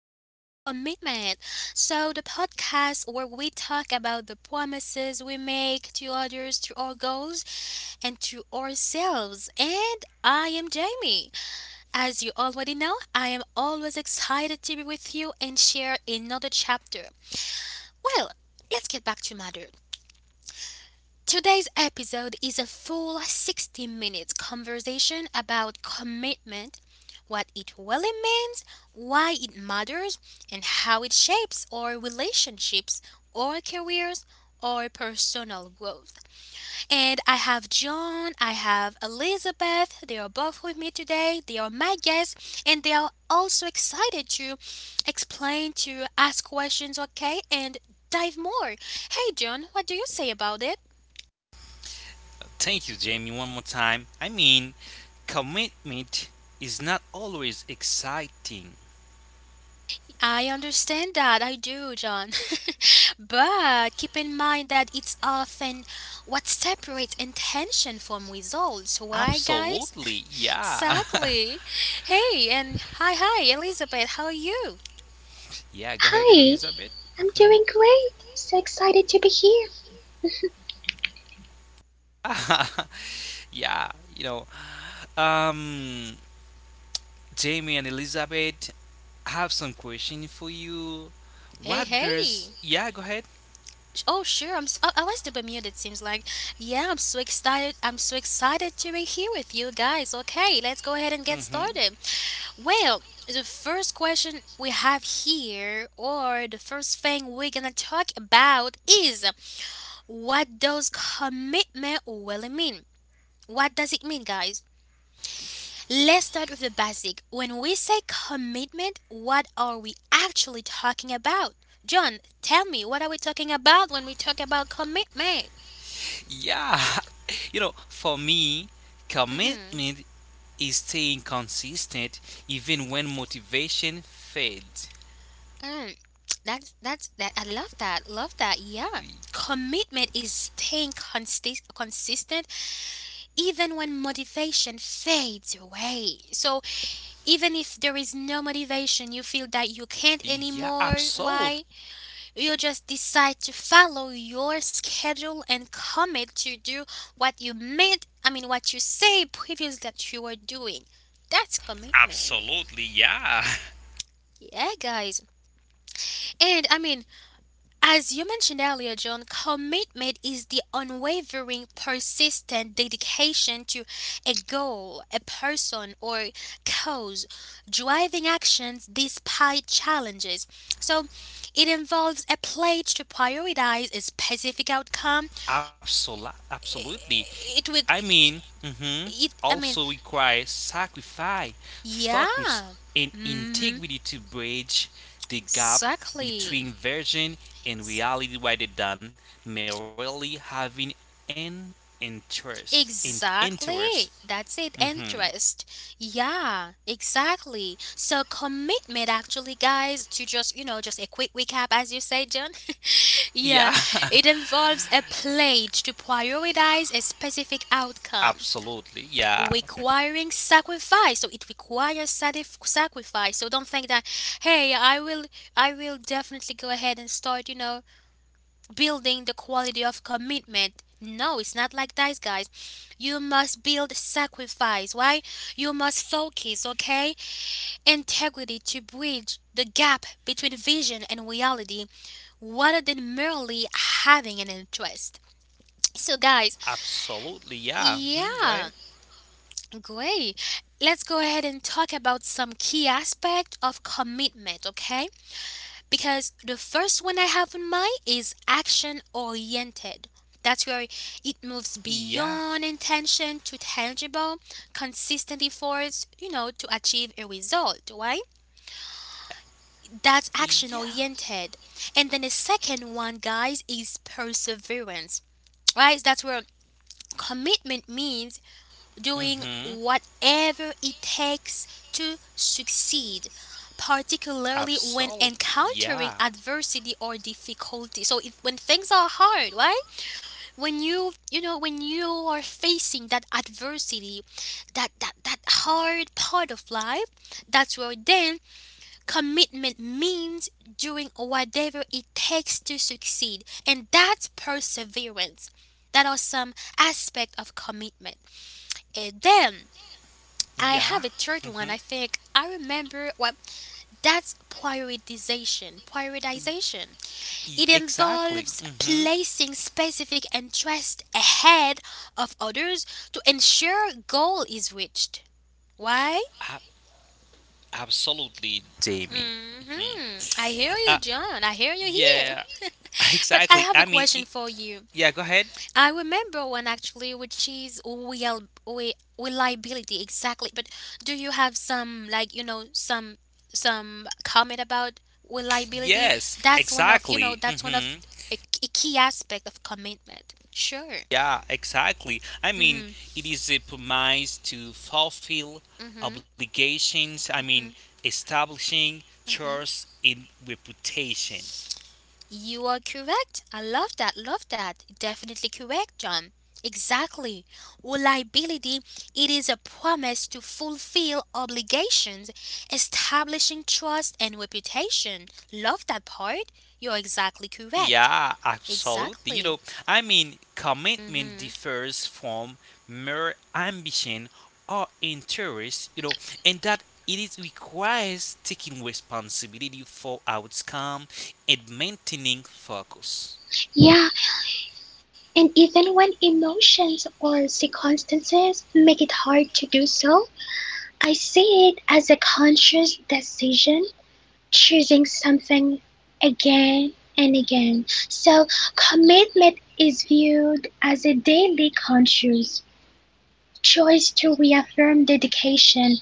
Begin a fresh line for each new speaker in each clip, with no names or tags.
commitment. So, the podcast where we talk about the promises we make to others, to our goals, and to ourselves. And I am Jamie. As you already know, I am always excited to be with you and share another chapter. Well, let's get back to matter. Today's episode is a full 60 minutes conversation about commitment, what it really means, why it matters, and how it shapes our relationships, our careers, our personal growth. And I have John, I have Elizabeth, they are both with me today, they are my guests, and they are also excited to explain, to ask questions, okay, and dive more. Hey John, what do you say about it?
Thank you, Jamie, one more time. Commitment is not always exciting.
I understand that, I do, John. But keep in mind that it's often what separates intention from results. Why, guys?
Absolutely, yeah.
Exactly. Hey, and hi, Elizabeth, how are you?
Yeah, go ahead,
Hi,
Elizabeth.
I'm
Mhm.
doing great. So excited to be here.
yeah, you know, um, Jamie and Elizabeth, I have some question for you.
Hey,
What
hey.
girls? Yeah, go ahead.
Oh sure, I'm. S- I was to Bermuda. It seems like, yeah, I'm so excited. I'm so excited to be here with you guys. Okay, let's go ahead and get
hmm
started. Well, the first question we have here, or the first thing we're gonna talk about, is what does commitment really mean? What does it mean, guys? Let's start with the basic. When we say commitment, what are we actually talking about? John, tell me, what are we talking about when we talk about commitment?
Yeah, for me,
Mm-hmm.
commitment is staying consistent even when motivation fades.
Mm. That's that. I love that. Love that. Yeah. Commitment is staying consistent even when motivation fades away. So even if there is no motivation, you feel that you can't
Yeah,
anymore.
absolutely.
Why? You just decide to follow your schedule and commit to do what you meant. I mean, what you say previously that you were doing. That's commitment.
Absolutely, yeah.
Yeah, guys. And I mean, As you mentioned earlier, John, commitment is the unwavering, persistent dedication to a goal, a person, or cause, driving actions despite challenges. So, it involves a pledge to prioritize a specific outcome.
Absolutely.
It will,
I
it,
mean, hmm
it I
Also
mean,
requires sacrifice, focus,
Yeah,
and
mm-hmm,
integrity to bridge the gap
exactly.
between vision and reality rather than merely having an interest. In interest.
Exactly. That's it.
hmm
Interest. Yeah, exactly. So commitment actually guys to just, you know, just a quick recap as you say, John.
Yeah,
Yeah, it involves a pledge to prioritize a specific outcome
absolutely. Yeah.
requiring sacrifice. So it requires sacrifice. So don't think that hey, I will definitely go ahead and start, you know, building the quality of commitment. No, it's not like that, guys. You must build sacrifice. Why? You must focus, okay? Integrity to bridge the gap between vision and reality rather than merely having an interest. So, guys,
Absolutely, yeah. Go ahead.
yeah, great. Let's go ahead and talk about some key aspect of commitment, okay? Because the first one I have in mind is action oriented. That's where it moves
Yeah,
beyond intention to tangible, consistent efforts, you know, to achieve a result, right? That's
yeah.
action oriented. And then the second one, guys, is perseverance, right? That's where commitment means doing
hmm
whatever it takes to succeed, particularly when
Absolutely,
encountering
yeah,
adversity or difficulty. So if when things are hard, right? When you know when you are facing that adversity, that hard part of life, that's where then commitment means doing whatever it takes to succeed. And that's perseverance. That are some aspect of commitment. And then I have
yeah.
a third one. I
hmm
think I remember. Well, that's prioritization. Prioritization. It
Exactly.
involves placing specific interest ahead of others to ensure goal is reached. Why?
Ab- Absolutely, Jamie. hmm
Mhm. I hear you,
Uh,
John. I hear you here.
yeah,
But I have
exactly.
a question for you.
Yeah. Go ahead.
I remember one actually, which is reliability exactly. But do you have some like you know some comment about reliability?
Yes,
That's one of you know that's
exactly.
one of a, a key aspect of commitment. Sure.
Yeah, exactly.
Mhm.
It is a promise to fulfill
Mhm.
obligations,
Mhm.
establishing
Mhm.
trust in reputation.
You are correct. I love that. Love that. Definitely correct, John. Exactly. Reliability it is a promise to fulfill obligations, establishing trust and reputation. Love that part. You're exactly correct.
Yeah, absolutely.
Exactly.
Commitment
Mhm.
differs from mere ambition or interest, and that it is requires taking responsibility for outcome and maintaining focus.
Yeah, and even when emotions or circumstances make it hard to do so, I see it as a conscious decision, choosing something again and again. So, commitment is viewed as a daily conscious choice to reaffirm dedication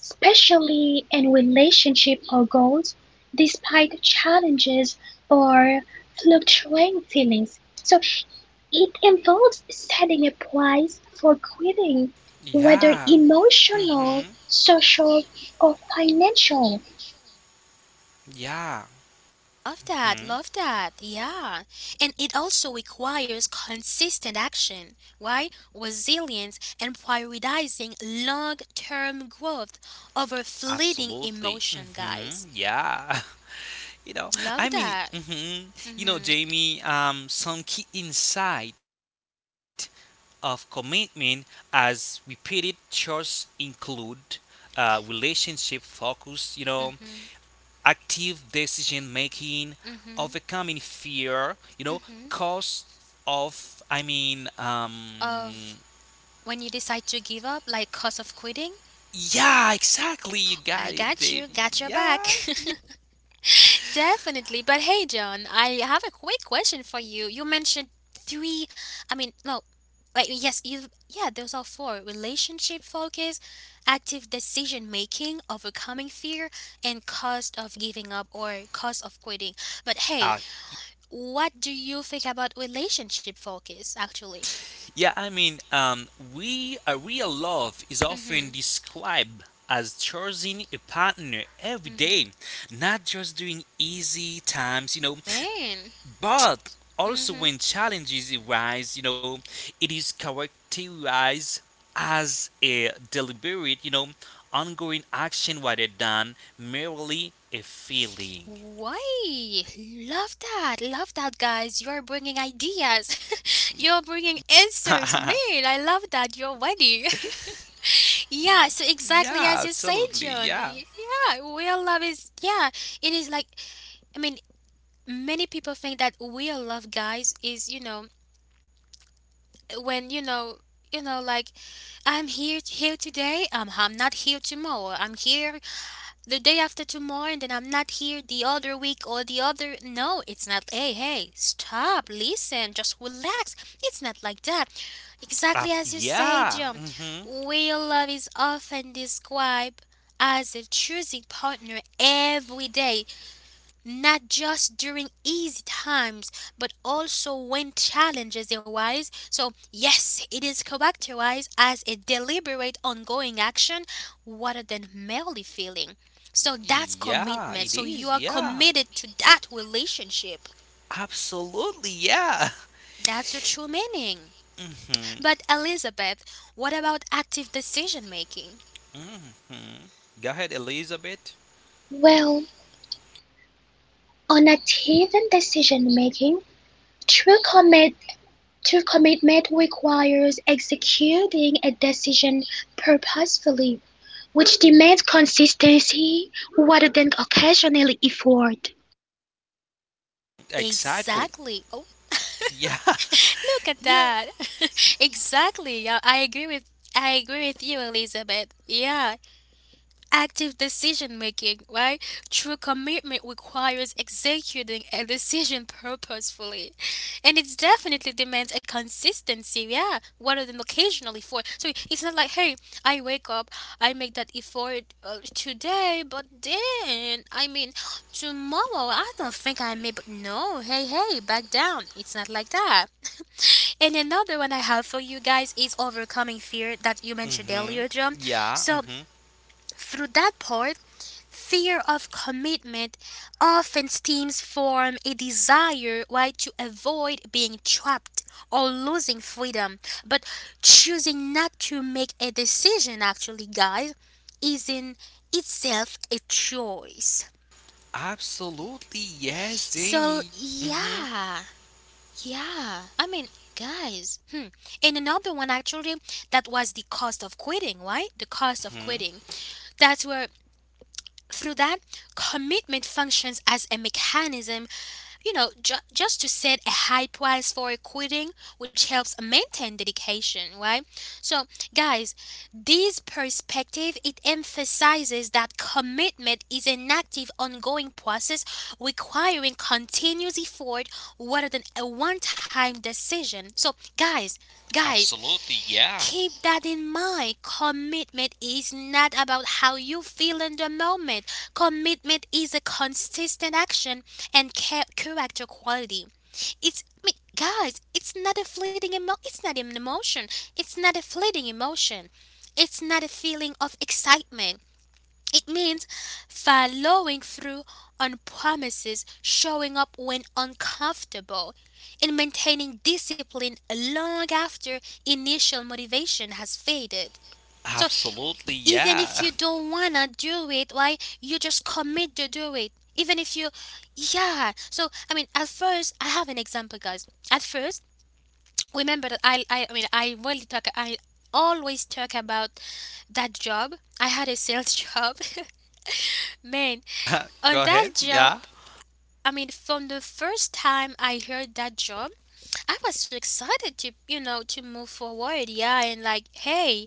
especially in relationship or goals, despite challenges or fluctuating feelings. So it involves setting a price for quitting, whether
Yeah. Mhm.
emotional, social, or financial.
Yeah. Mhm.
Love that, yeah. And it also requires consistent action, right? Resilience and prioritizing long term growth over fleeting
Absolutely.
emotion, guys.
Yeah. you know, I
Love
mean,
that.
hmm you know,
Mm-hmm.
Jamie, some key insight of commitment as repeated chores include relationship focus,
Mm-hmm.
active decision making,
Mm-hmm.
overcoming fear,
Mm-hmm.
cause of, I mean,
Of when you decide to give up, like cause of quitting,
yeah, exactly. You
I
got it,
got
Jamie.
you, got your back.
Yeah.
Definitely. But hey, John, I have a quick question for you. You mentioned three, I mean, no, like, yes, you, yeah, those are four: relationship focus, active decision making, overcoming fear, and cost of giving up or cost of quitting. But hey,
Yeah.
what do you think about relationship focus actually?
Yeah, I mean, we a Real love is
Mm hmm.
often described as choosing a partner every
Mm hmm.
day, not just during easy times,
Man.
but
Mm
also
hmm.
when challenges arise, it is characterized as a deliberate, ongoing action rather than merely a feeling.
Why? Love that. Love that, guys. You're bringing ideas. You're bringing answers. Man, I love that. You're ready.
Yeah,
Yeah,
absolutely.
so
Yeah.
exactly as you say, John. Yeah, real love is, yeah, it is like, I mean, many people think that real love, guys, is, you know, when, you know, like I'm here today. I'm not here tomorrow. I'm here the day after tomorrow and then I'm not here the other week or the other. No, it's not. Hey, hey, stop, listen, just relax. It's not like that. Exactly as you say,
Yeah.
John,
Mhm.
real love is often described as a choosing partner every day not just during easy times, but also when challenges arise. So, yes, it is characterized as a deliberate ongoing action rather than merely feeling. So, that's
Yeah,
commitment.
it
So, you
is.
are
Yeah.
committed to that relationship.
Absolutely. Yeah.
That's the true meaning.
hmm
But, Elizabeth, what about active decision making?
hmm Go ahead, Elizabeth.
Well, on active and decision making, true commit true commitment requires executing a decision purposefully which demands consistency rather than occasional effort,
Exactly.
Exactly. Oh,
Yeah.
look at
Yeah.
that. Exactly. Yeah, I agree with you, Elizabeth. Yeah, active decision making, right? True commitment requires executing a decision purposefully. And it definitely demands a consistency, yeah, rather than occasionally for. So it's not like, hey, I wake up, I make that effort today, but then, I mean, tomorrow, I don't think I may, but no, hey, hey, back down. It's not like that. And another one I have for you guys is overcoming fear that you mentioned
hmm
earlier, John.
Yeah.
So through that part, fear of commitment often stems from a desire why to avoid being trapped or losing freedom, but choosing not to make a decision actually guys is in itself a choice.
Absolutely. Yes,
So
Jamie. hmm
yeah, yeah. I mean, guys, hmm. And another one actually that was the cost of quitting, right? The cost of
hmm
quitting. That's where through that commitment functions as a mechanism you know just to set a high price for quitting which helps maintain dedication right so guys this perspective it emphasizes that commitment is an active ongoing process requiring continuous effort rather than a one-time decision so guys guys.
Absolutely. Yeah.
Keep that in mind. Commitment is not about how you feel in the moment. Commitment is a consistent action and character quality. It's, I mean, guys, it's not a fleeting it's not an emotion. It's not a fleeting emotion. It's not a feeling of excitement. It means following through on promises, showing up when uncomfortable, and maintaining discipline long after initial motivation has faded. So
Absolutely.
even if
Yeah.
you don't wanna do it, why you just commit to do it. Even if you yeah. So I mean at first I have an example guys. At first, remember that I mean I always talk about that job. I had a sales job. Man, on
Go
that
ahead.
job,
Yeah.
I mean, from the first time I heard that job, I was so excited to, you know, to move forward. Yeah, and like, hey,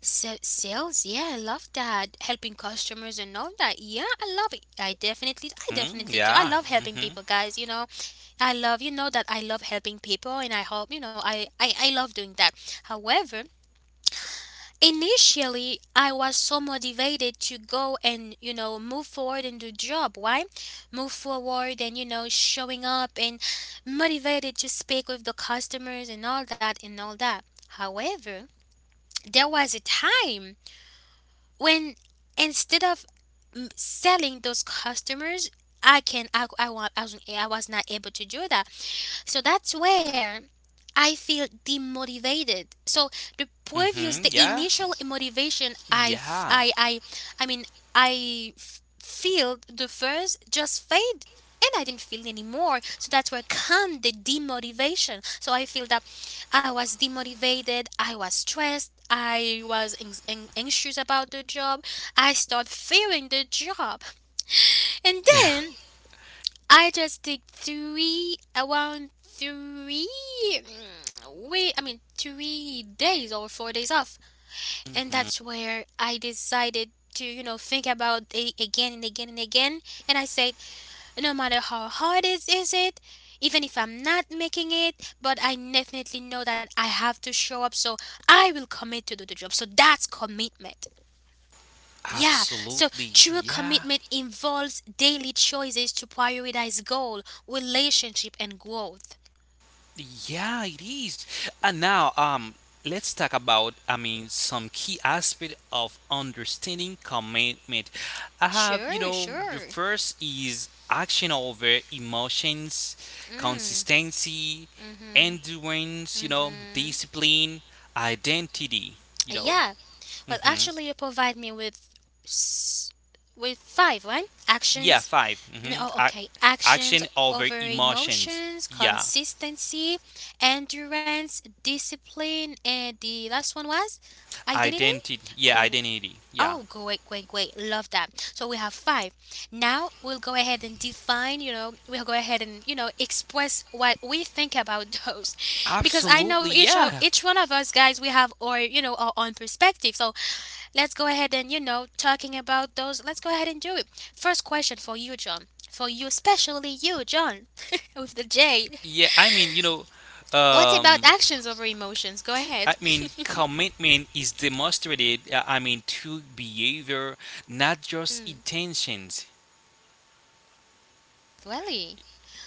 sales. Yeah, I love that. Helping customers and all that. Yeah, I love it. I definitely do. I
Yeah.
love helping
hmm
people, guys. You know, I love, you know, that I love helping people, and I hope, you know, I love doing that. However, initially, I was so motivated to go and, you know, move forward in the job. Why? Move forward and, you know, showing up and motivated to speak with the customers and all that and all that. However, there was a time when instead of selling those customers, I can I, wa- I was not able to do that so that's where I feel demotivated. So the
Yeah.
initial motivation
Yeah.
I mean, feel the first just fade and I didn't feel anymore. So that's where come the demotivation. So I feel that I was demotivated, I was stressed, I was anxious about the job, I start fearing the job. And
Yeah.
then I just did three around three mm, wait I mean 3 days or 4 days off. And
hmm
that's where I decided to, you know, think about it again and again and again. And I said, no matter how hard it is, even if I'm not making it, but I definitely know that I have to show up, so I will commit to do the job. So that's commitment. Yeah, so
Absolutely.
true
Yeah.
commitment involves daily choices to prioritize goal, relationship, and growth.
Yeah, it is. And now, let's talk about, some key aspect of understanding commitment. I have,
Sure,
the
sure.
first is action over emotions,
Mm,
consistency,
mm-hmm,
endurance,
mm-hmm.
discipline, identity, you know.
Yeah. Well,
hmm
actually, you provide me with s- with five, right?
Yeah,
Actions.
five.
No,
Mm-hmm.
oh,
Ac
okay. Actions
Action over
over
emotions.
emotions,
Yeah.
consistency, endurance, discipline, and the last one was identity.
Identity. Yeah,
Go.
identity. Yeah.
Oh, great, great, great. Love that. So we have five. Now we'll go ahead and define, you know, we'll go ahead and, you know, express what we think about those. Because I know
Absolutely,
each of
yeah.
each one of us guys we have our own perspective. So let's go ahead and, you know, talking about those. Let's go ahead and do it. First question for you, John. For you, especially you, John, with the J.
Yeah, I mean, you know,
What's about
um,
actions over emotions? Go ahead.
I mean, commitment is demonstrated, through behavior, not just
Hmm,
intentions.
really?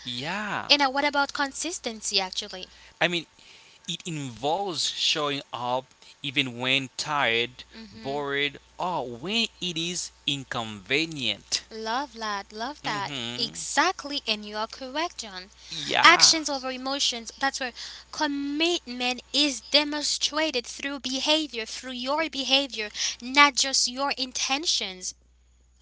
Yeah.
And what about consistency, actually?
I mean, it involves showing up even when tired,
Hmm.
bored, or when it is inconvenient.
Love that, love that.
Mm-hmm.
Exactly, and you are correct, John.
Yeah.
Actions over emotions, that's where commitment is demonstrated through behavior, through your behavior, not just your intentions.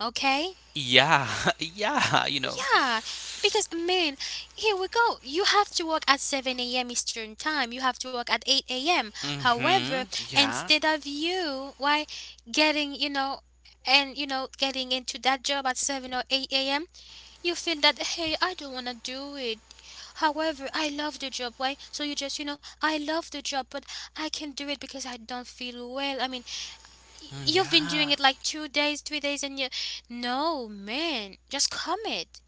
Okay?
Yeah. Yeah, you know.
Yeah, because, man, here we go. You have to work at 7 a.m. Eastern time. You have to work at 8 a.m. However,
Mm-hmm. Yeah.
instead of you, why getting, you know, and, you know, getting into that job at 7 or 8 a.m., you feel that, hey, I don't want to do it. However, I love the job. Why? So you just, you know, I love the job, but I can't do it because I don't feel well. I mean,
Mm,
you've been
yeah.
doing it like 2 days, 3 days, and you, no, man, just commit.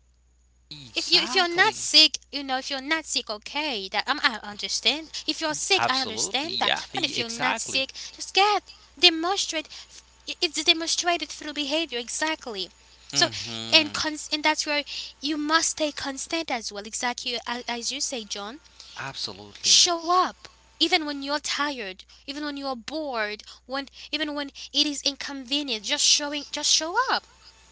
If you're not
Exactly.
sick, you know, if you're not sick, okay, that, I understand. If you're sick, I
Absolutely.
understand
Yeah.
that. But if you're not
Exactly.
sick, just get demonstrate. It's demonstrated through behavior exactly. So, and
Mm-hmm.
cons- and that's where you must stay constant as well. Exactly, as you say, John.
Absolutely.
Show up even when you're tired, even when you're bored, when even when it is inconvenient. Just show up.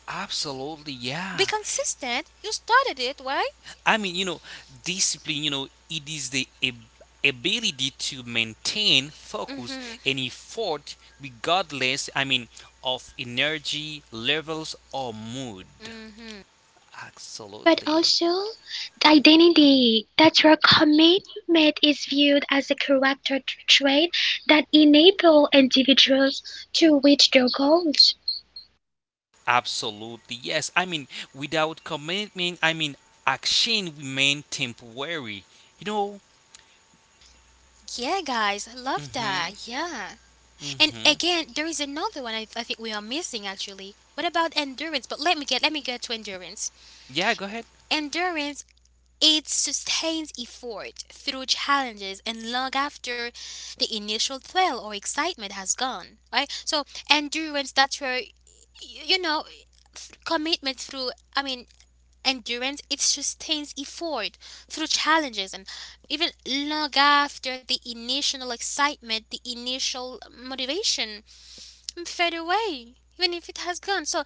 Absolutely.
Be
Yeah.
consistent. You started it, right?
I mean, you know, Discipline, you know, it is the ab- ability to maintain focus
Mm-hmm.
and effort regardless, of energy levels or mood.
Mm-hmm.
but
Absolutely.
also the identity that your commitment is viewed as a character trait that enable individuals to reach their goals.
Absolutely. Yes. Without commitment, action remain temporary. You know?
Yeah, guys, I love
Mm-hmm.
that. Yeah. And
Mm-hmm.
again, there is another one I think we are missing actually. What about endurance? But let me get to endurance.
Yeah, go ahead.
Endurance, it sustains effort through challenges and long after the initial thrill or excitement has gone. Right? So endurance, that's where you know, commitment through, I mean endurance, it sustains effort through challenges, and even long after the initial excitement, the initial motivation fade away, even if it has gone. So,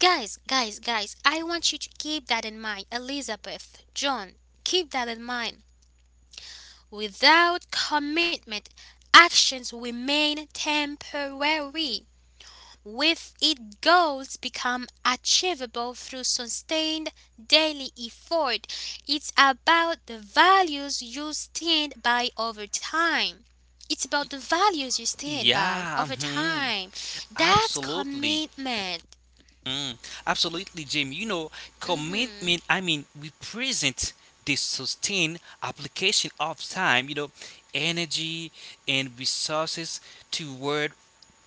guys, guys, guys, I want you to keep that in mind. Elizabeth, John, keep that in mind. Without commitment, actions remain temporary. With it, goals become achievable through sustained daily effort. It's about the values you stand by over time. It's about the values you stand by
Yeah.
over
Mm-hmm.
time. That's
Absolutely.
commitment.
Mm, absolutely, Jim.
Hmm.
Commitment, we present the sustained application of time, energy and resources toward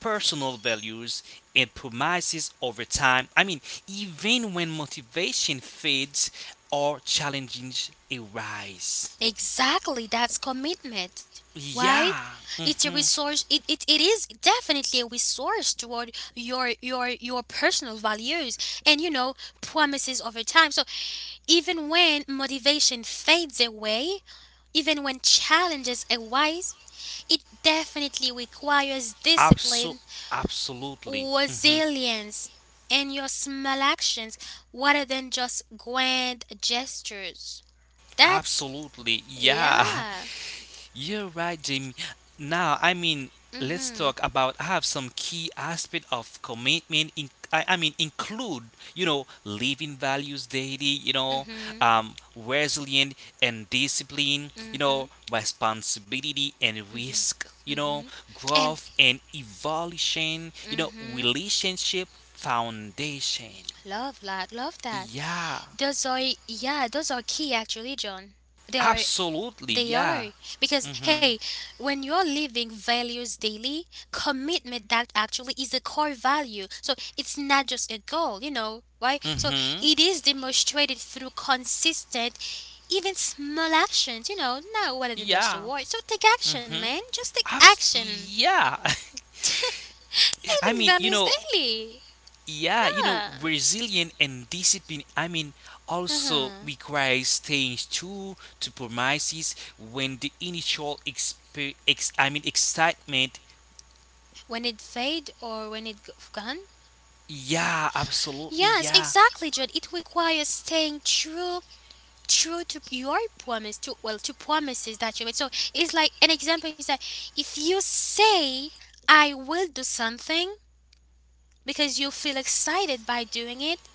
personal values and promises over time. Even when motivation fades or challenges arise.
Exactly, that's commitment. Right?
Yeah.
It's a
hmm
resource, it is definitely a resource toward your personal values and, you know, promises over time. So, even when motivation fades away, even when challenges arise, it definitely requires
Abso-
discipline,
Absolutely.
resilience, and your small actions rather than just grand gestures. That's,
Absolutely. Yeah.
yeah.
You're right, Jamie. Now,
Mm
let's
hmm.
talk about. I have some key aspect of commitment. In, I mean, Include living values daily.
Mm hmm.
Resilient and discipline.
Mm
You know,
hmm.
responsibility and
Mm hmm.
risk.
Mm
You know,
hmm. And,
growth and evolution. You know,
mm-hmm,
relationship foundation.
love that, love that.
Yeah,
Those are, yeah, those are key actually, John. They are.
absolutely.
They
Yeah.
are. Because, hey,
Mhm.
when you're living values daily, commitment that actually is a core value. So it's not just a goal, you know, right? So
Mhm.
it is demonstrated through consistent, even small actions, you know, not rather than just a
Yeah.
word. So take action,
Mhm.
man. Just take action.
Yeah. I
Living
mean, you
values
know,
daily.
yeah,
Yeah.
resilience and discipline, also
Uh-huh.
requires staying true to promises when the initial exp- ex- I mean, excitement.
When it fade or when it gone?
Yeah, absolutely.
Yes,
Yeah.
exactly, Jude. It requires staying true to your promise, to, well, to promises that you made. So it's like, an example is that if you say, I will do something because you feel excited by doing it,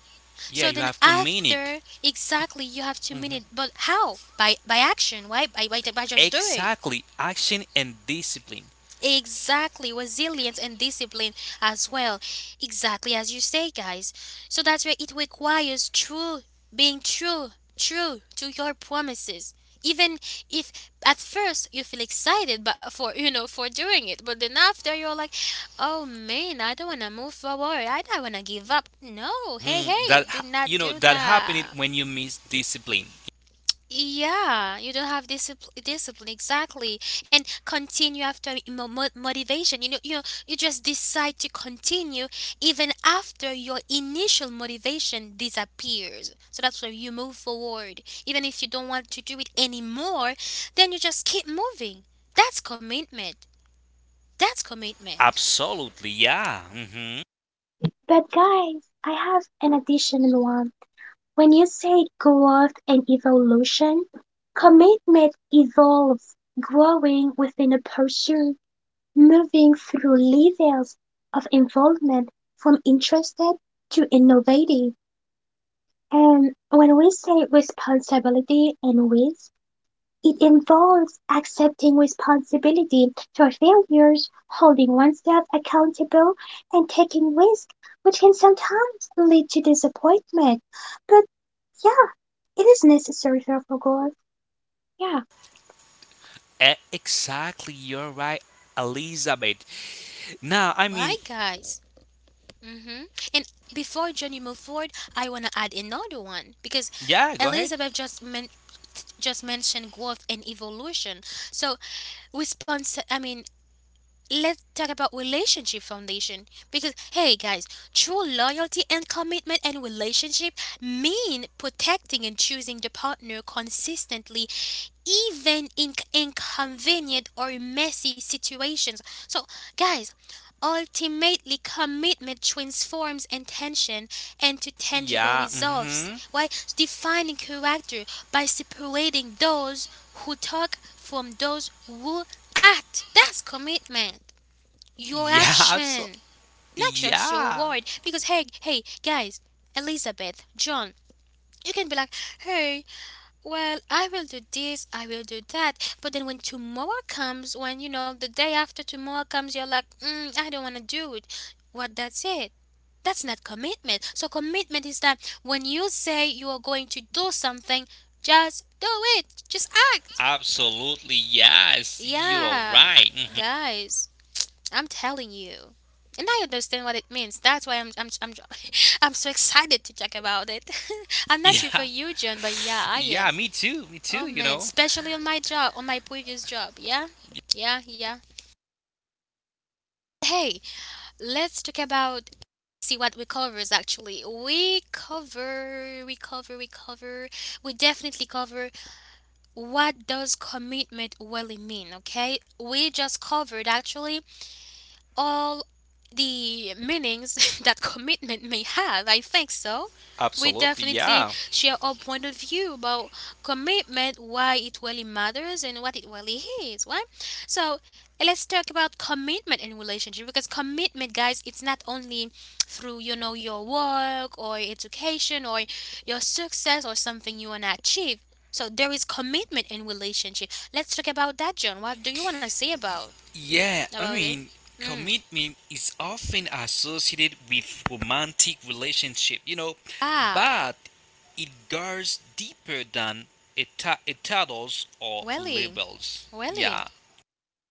Yeah,
so
you
then
have to mean it.
after, exactly, you have to mean
hmm
it. But how? By action, right? By just doing.
Exactly. Action and discipline.
Exactly, resilience and discipline as well. Exactly as you say, guys. So that's why it requires true being true, true to your promises. Even if at first you feel excited but for you know for doing it, but then after you're like, oh, man, I don't wanna move forward, I don't wanna give up. No, hey hey, do not do
That happened
that.
when you miss discipline.
Yeah, you don't have discipline, exactly, and continue after motivation. You know, you just decide to continue even after your initial motivation disappears. So that's where you move forward, even if you don't want to do it anymore. Then you just keep moving. That's commitment. That's commitment.
Absolutely. Yeah. Mm-hmm.
But guys, I have an additional one. When you say growth and evolution, commitment evolves, growing within a pursuit. Moving through levels of involvement from interested to innovative. And when we say responsibility and risk, it involves accepting responsibility for failures, holding oneself accountable, and taking risk, which can sometimes lead to disappointment. But yeah, it is necessary for growth. Yeah,
Exactly, you're right, Elizabeth. Now,
Why, guys? Mm-hmm. And before Johnny move forward, I want to add another one because
yeah, go ahead.
Elizabeth just mentioned growth and evolution. So response. I mean, let's talk about relationship foundation, because, hey, guys, true loyalty and commitment and relationship mean protecting and choosing the partner consistently, even in inconvenient or messy situations. So, guys, ultimately commitment transforms intention into tangible
Yeah,
results.
mm-hmm.
Why? Defining character by separating those who talk from those who act. That's commitment. Your
Yeah,
action, not just your
yeah.
word. Because, hey, guys, Elizabeth, John, you can be like, hey, well, I will do this, I will do that. But then when tomorrow comes, when, you know, the day after tomorrow comes, you're like, I don't want to do it. What? That's it. That's not commitment. So commitment is that when you say you are going to do something, just do it. Just act.
Absolutely, yes, you are
Yeah,
right. Mhm.
guys, I'm telling you. And I understand what it means. That's why I'm, I'm so excited to talk about it. I'm not sure for
Yeah,
you, John, but yeah, I
yeah,
am.
me too,
Oh,
you
man,
know.
especially on my job, on my previous job. Yeah, yeah, yeah. Hey, let's talk about, see what we covers actually. We cover, we cover, we cover. We definitely cover what does commitment really mean. Okay, we just covered actually all the meanings that commitment may have. I think so. We
Absolutely,
definitely
yeah.
share our point of view about commitment, why it really matters, and what it really is, right? So let's talk about commitment in relationship, because commitment, guys, it's not only through, you know, your work or education or your success or something you wanna achieve. So there is commitment in relationship. Let's talk about that, John. What do you wanna say about
Yeah, I
about it?
mean,
Mm.
Commitment is often associated with romantic relationship,
Ah,
but it goes deeper than a titles or
really,
labels.
really.
Yeah,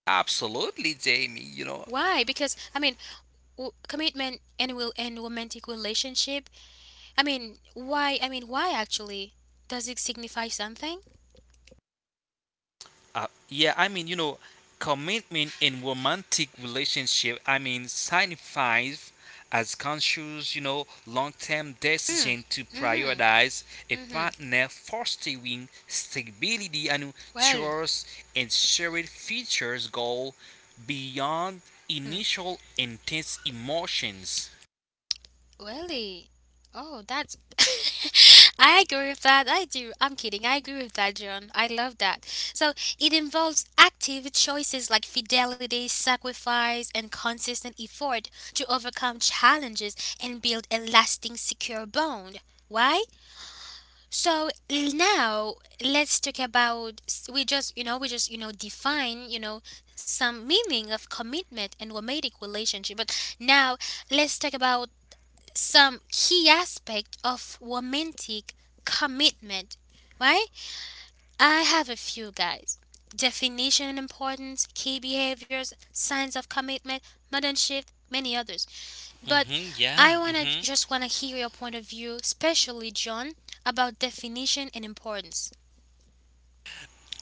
absolutely, Jamie. You know,
Why? Because, I mean, commitment and will and romantic relationship. I mean, why? I mean, why actually? Does it signify something?
Uh, yeah, I mean, you know, Commitment in romantic relationship, signifies as conscious, long-term
Hmm.
decision to
Mm-hmm.
prioritize a
Mm-hmm.
partner fostering stability and
Well.
trust and shared futures goal beyond
Hmm.
initial intense emotions.
Really? Oh, that's. I agree with that. I do. I'm kidding. I agree with that, John. I love that. So it involves active choices like fidelity, sacrifice, and consistent effort to overcome challenges and build a lasting, secure bond. Why? So now let's talk about, we just you know define, you know, some meaning of commitment and romantic relationship. But now let's talk about some key aspect of romantic commitment, right? I have a few, guys. Definition and importance, key behaviors, signs of commitment, modern shift, many others. But I
Yeah.
wanna
hmm
just wanna hear your point of view, especially John, about definition and importance,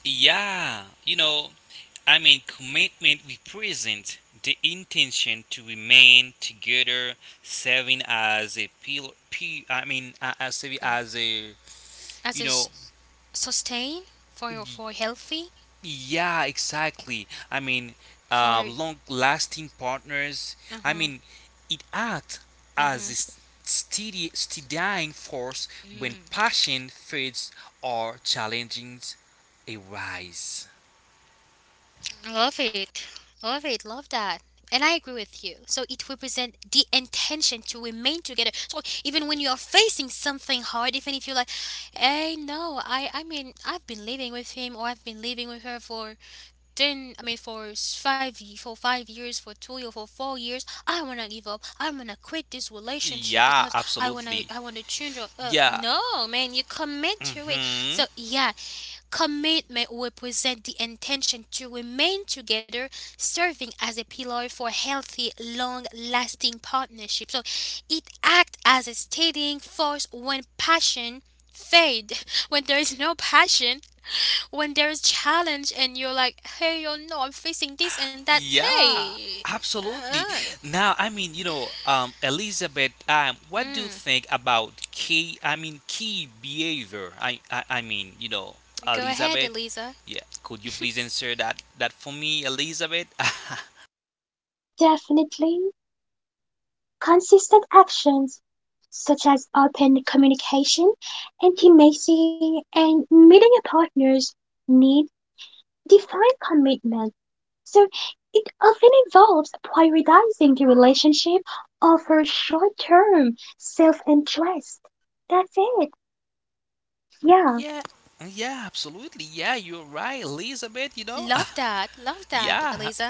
Yeah. Commitment represents the intention to remain together, serving as a pil- p- I mean, as serving as a
as
you
a
know,
sustain, for healthy,
yeah, exactly.
for.
Long-lasting partners. I
Uh-huh,
mean, it acts as
uh-huh.
steady, steadying force when passion fades or challenges arise.
Love it. Love it. Love that. And I agree with you. So it represents the intention to remain together. So even when you're facing something hard, even if you're like, hey, no, I mean, I've been living with him or I've been living with her for 10, I mean, for five, for 5 years, for 2 years, for 4 years. I want to give up. I want to quit this relationship
Yeah,
because I want to,
absolutely.
I want to change. Or,
Yeah.
no, man, you commit to it.
hmm
So yeah, commitment represents the intention to remain together, serving as a pillar for healthy, long lasting partnership. So it acts as a steadying force when passion fade, when there is no passion, when there is challenge and you're like, hey, you know, I'm facing this and that,
Yeah,
hey,
absolutely.
uh,
Now, Elizabeth, what do you
mm,
think about key, key behavior?
go ahead,
Elizabeth,
Eliza.
yeah, could you please answer that, that for me, Elizabeth?
definitely. Consistent actions such as open communication, intimacy, and meeting your partners need defined commitment. So it often involves prioritizing the relationship over short term self interest. That's it. Yeah.
Yeah, yeah, absolutely. Yeah, you're right, Elizabeth, you know?
Love that, love that,
Yeah.
Eliza.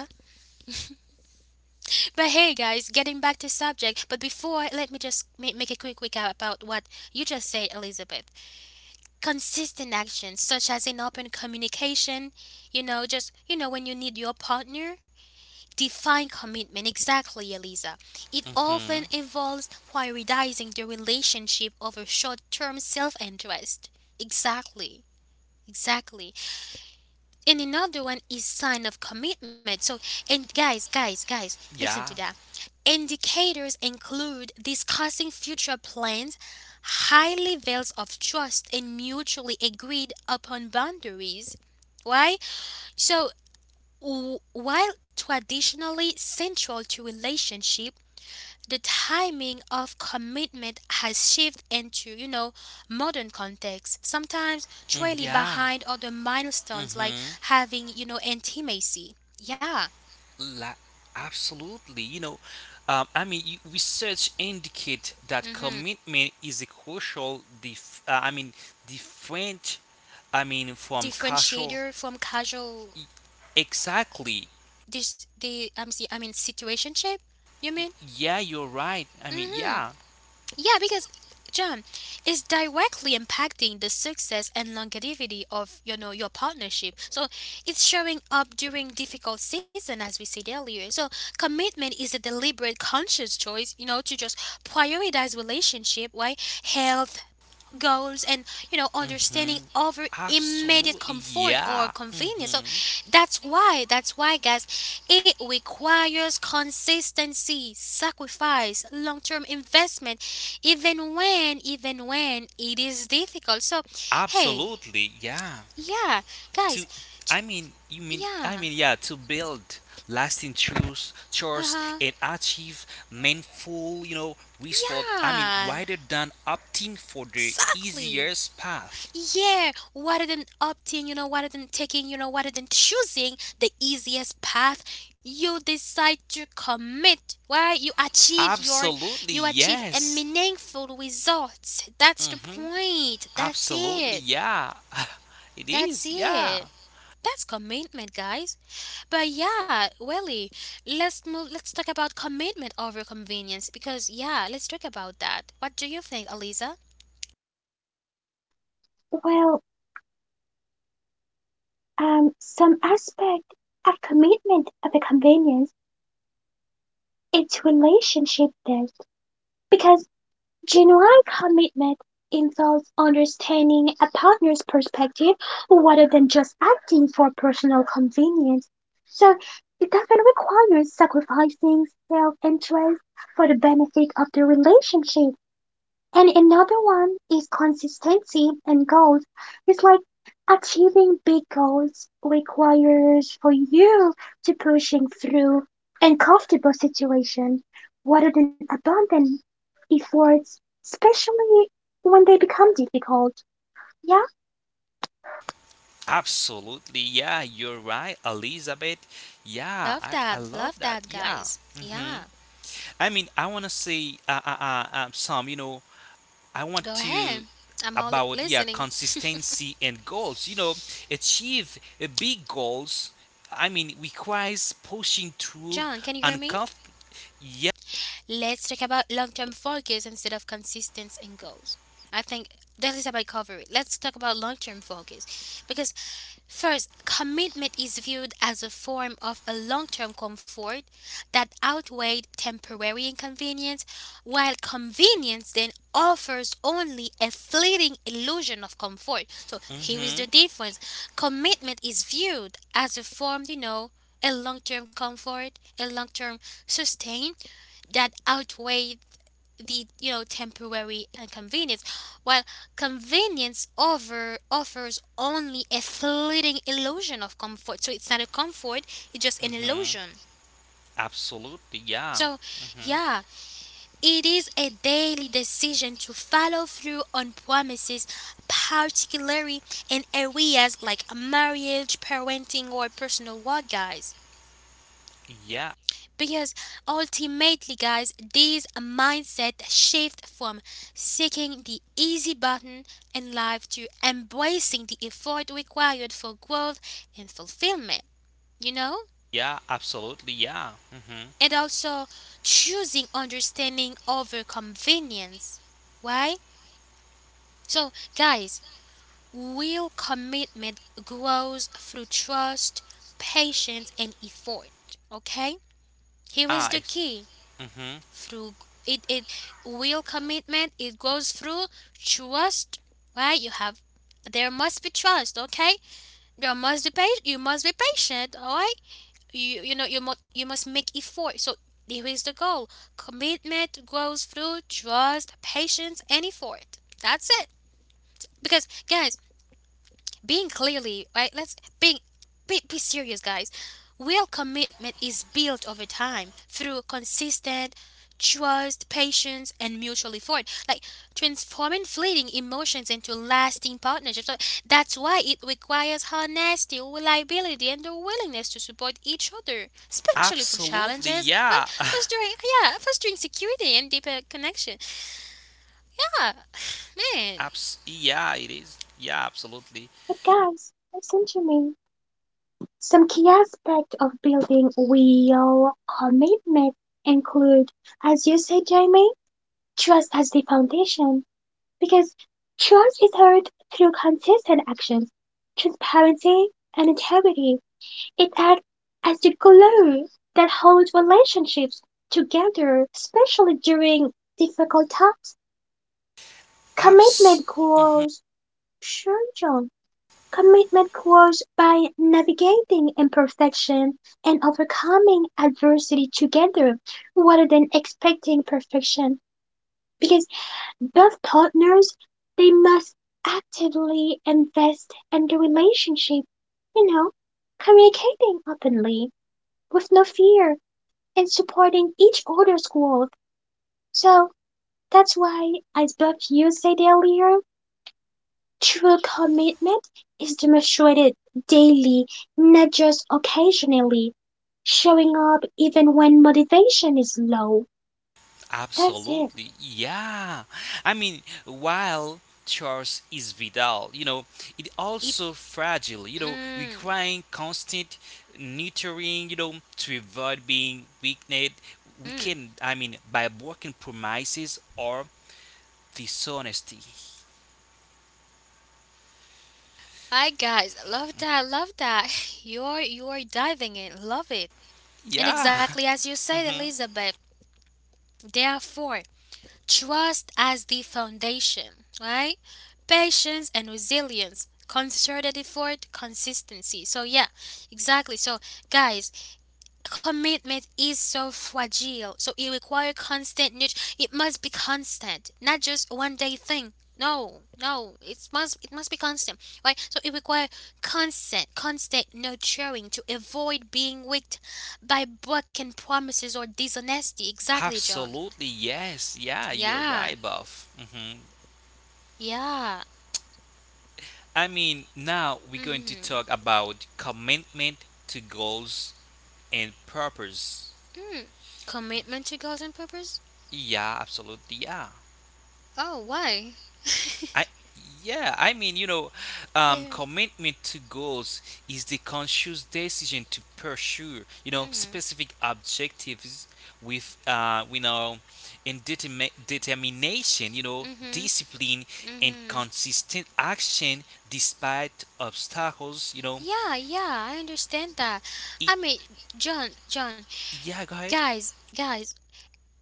But, hey, guys, getting back to subject. But before, let me just make a quick recap about what you just said, Elizabeth. Consistent actions, such as in open communication, you know, just, you know, when you need your partner, define commitment exactly, Eliza. It often
Mm-hmm.
involves prioritizing the relationship over short-term self-interest. Exactly. Exactly. And another one is sign of commitment. So, and, guys, guys, guys, listen to
Yeah.
that. Indicators include discussing future plans, high levels of trust, and mutually agreed upon boundaries. Why? So, while traditionally central to relationship, the timing of commitment has shifted into, you know, modern context, sometimes
Mm,
trailing
yeah.
behind other milestones like
Mm-hmm.
having, intimacy. Yeah.
La- Absolutely. Research indicate that
hmm
commitment is a crucial. Different. From casual.
Differentiator from casual
Exactly.
this the I mean situationship. You
Y-
mean?
Yeah, you're right.
Mm-hmm.
Yeah.
Yeah, because John is directly impacting the success and longevity of your partnership. So it's showing up during difficult season as we said earlier. So commitment is a deliberate conscious choice, to just prioritize relationship, right? Health, goals and understanding
Mm-hmm.
over immediate
Absolutely.
comfort or
Yeah.
convenience. So
Mm-hmm.
that's why guys, it requires consistency, sacrifice, long-term investment even when it is difficult. So hey,
Absolutely. Yeah.
yeah, guys,
To
t-
I mean you mean I
yeah,
mean yeah to build lasting truths trust
uh-huh,
and achieve meaningful result,
yeah,
rather than opting for the
exactly.
easiest path.
Yeah, rather than opting, rather than taking, rather than choosing the easiest path, you decide to commit. Right? You achieve your
Absolutely
you achieve a
yes.
meaningful result. That's the
Mm-hmm.
point. That's
Absolutely,
it.
yeah. It
That's
is, yeah.
it. That's commitment, guys. But yeah, really, let's talk about commitment over convenience because yeah, let's talk about that. What do you think, Aliza?
Well, some aspect of commitment of a convenience, it's relationship depth. Because Genuine commitment involves understanding a partner's perspective rather than just acting for personal convenience. So it doesn't require sacrificing self interest for the benefit of the relationship. And another one is consistency and goals. It's like achieving big goals requires for you to pushing through uncomfortable situations rather than abandon efforts, especially when they become difficult. Yeah,
Absolutely, yeah, you're right, Elizabeth. Yeah,
Love
I
that. Love
love that,
that,
yeah.
guys. Yeah.
hmm I want to say some, I want
Go
to
ahead. I'm all
about yeah
listening.
consistency and goals. You know, achieve big goals. Requires pushing through
John, can you hear me?
uncomfortable. Yeah.
Let's talk about long term focus instead of consistency and goals. I think that is about coverage. Let's talk about long term focus. Because, first, commitment is viewed as a form of a long term comfort that outweighs temporary inconvenience, while convenience then offers only a fleeting illusion of comfort. So, here is the
Mhm.
difference. Commitment is viewed as a form, a long term comfort, a long term sustain, that outweigh the temporary inconvenience, while convenience over offers only a fleeting illusion of comfort. So it's not a comfort, it's just an
Mhm.
illusion.
Absolutely. Yeah.
So
Mhm.
yeah, it is a daily decision to follow through on promises, particularly in areas like marriage, parenting, or personal work, guys.
Yeah.
Because ultimately, guys, this mindset shift from seeking the easy button in life to embracing the effort required for growth and fulfillment, you know?
Yeah. Absolutely. Yeah. Mhm.
And also choosing understanding over convenience. Why? So, guys, real commitment grows through trust, patience, and effort, okay? Here is
Ah.
the
It's,
key.
mhm.
Through it will commitment, it goes through trust, right? You have there must be trust, okay? There must be you must be patient, all right? You know you must make effort. So here is the goal. Commitment grows through trust, patience, and effort. That's it. Because guys, being clearly right, let's being be serious, guys. Real commitment is built over time through consistent trust, patience, and mutual effort, like transforming fleeting emotions into lasting partnerships. So that's why it requires honesty, reliability, and the willingness to support each other, especially for
Absolutely.
challenges, right?
Yeah.
Fostering, yeah, fostering security and deeper connection. Yeah, man,
Abs. Yeah. It is. Yeah. Absolutely.
but guys, listen to me. Some key aspects of building real commitment include, as you said, Jamie, trust as the foundation. Because trust is earned through consistent actions, transparency, and integrity. It acts as the glue that holds relationships together, especially during difficult times.
Abs.
Commitment
Mm-hmm.
grows, sure, John. Commitment grows by navigating imperfection and overcoming adversity together rather than expecting perfection. Because Both partners they must actively invest in the relationship, you know, communicating openly with no fear and supporting each other's growth. So that's why, as both you said earlier, true commitment is demonstrated daily, not just occasionally, showing up even when motivation is low. That's it.
Absolutely. Yeah. While Charles is Vidal, it
it.
also fragile,
Mm,
requiring constant nurturing, to avoid being
mm.
weakened, by broken promises or dishonesty.
Hi guys, love that, love that. You're diving in, love it. And
Yeah.
exactly as you said,
hmm
Elizabeth. Therefore, trust as the foundation, right? Patience and resilience, concerted effort, consistency. So yeah, exactly. So guys, commitment is so fragile, so it requires constant it must be constant, not just one day thing. No, no, it must, it must be constant, right? So it requires constant nurturing to avoid being wicked by broken promises or dishonesty. Exactly, John.
Absolutely. Yes. Yeah, you're
Yeah,
right, Buff.
yeah,
Now we're going to talk
mm-hmm,
about commitment to goals and purpose.
mm. Commitment to goals and purpose.
Yeah, absolutely. Yeah.
Oh, why?
I yeah, I mean, you know,
yeah,
Commitment to goals is the conscious decision to pursue,
mm-hmm.
specific objectives with determination,
Mm-hmm.
discipline and
Mm-hmm.
consistent action despite obstacles, you know.
Yeah, yeah, I understand that.
It,
I mean, John, John,
yeah, go ahead.
guys, guys,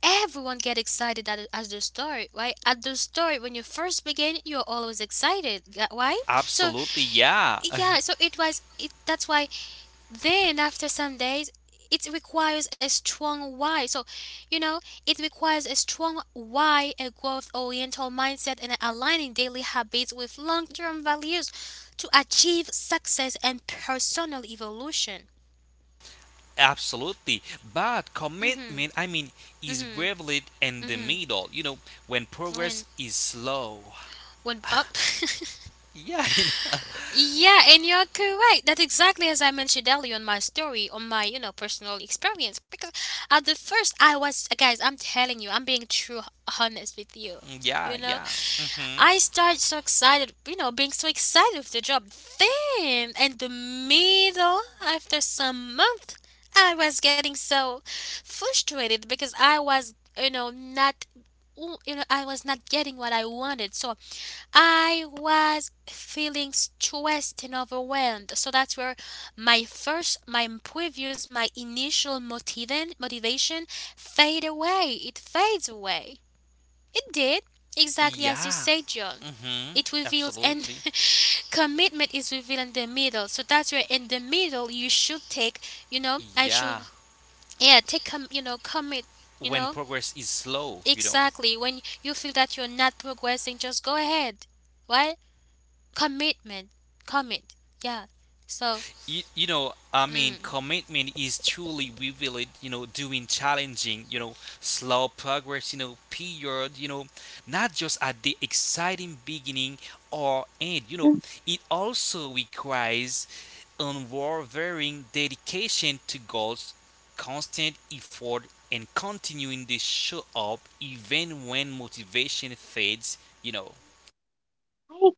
everyone get excited at the story, right? At the story, when you first begin, you're always excited, why? So
Absolutely. Yeah.
yeah, so it was. It that's why. Then after some days, it requires a strong why. So, you know, it requires a strong why, a growth-oriental mindset, and aligning daily habits with long-term values to achieve success and personal evolution.
Absolutely. But
Mhm.
commitment, is
Mhm.
revealed in the
Mhm.
middle, when
When
progress is slow.
when up.
Yeah, you know.
yeah, and you're correct. That exactly as I mentioned earlier on my story, on my personal experience. Because at the first I was, guys, I'm telling you, I'm being true honest with you.
Yeah,
You know,
yeah. Mhm.
I started so excited, you know, being so excited with the job. Then, in the middle, after some month, I was getting so frustrated because I was, you know, not, you know, I was not getting what I wanted. So, I was feeling stressed and overwhelmed. So that's where my first, my previous, my initial motivation fade away. It fades away. It did, exactly as you
Yeah.
say, John.
Mhm.
It reveals, and
Absolutely.
commitment is revealed in the middle. So that's where in the middle you should take, you know, I
Yeah.
should, yeah, take, you know, commit, you
When
know,
progress is slow, you know.
exactly. When you feel that you're not progressing, just go ahead. Right? Commitment, commit, yeah. So, mm,
Commitment is truly revealed doing challenging slow progress period, not just at the exciting beginning or end,
Mm,
it also requires unwavering dedication to goals, constant effort, and continuing to show up even when motivation fades, you know.
I,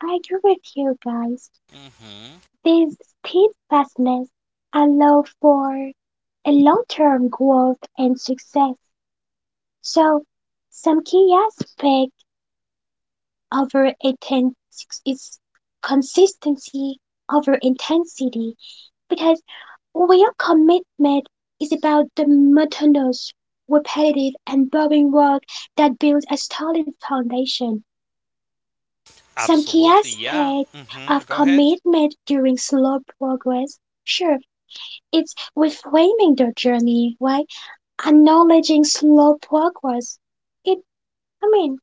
I agree with you guys.
hmm
These steadfastness allow for a long-term growth and success. So some key aspect over inten- is consistency over intensity because real commitment is about the monotonous, repetitive, and boring work that builds a solid foundation. Some key
Absolutely, yeah.
aspect of
Go ahead.
commitment during slow progress. Sure, it's reframing their journey, right? Acknowledging slow progress. It, I mean,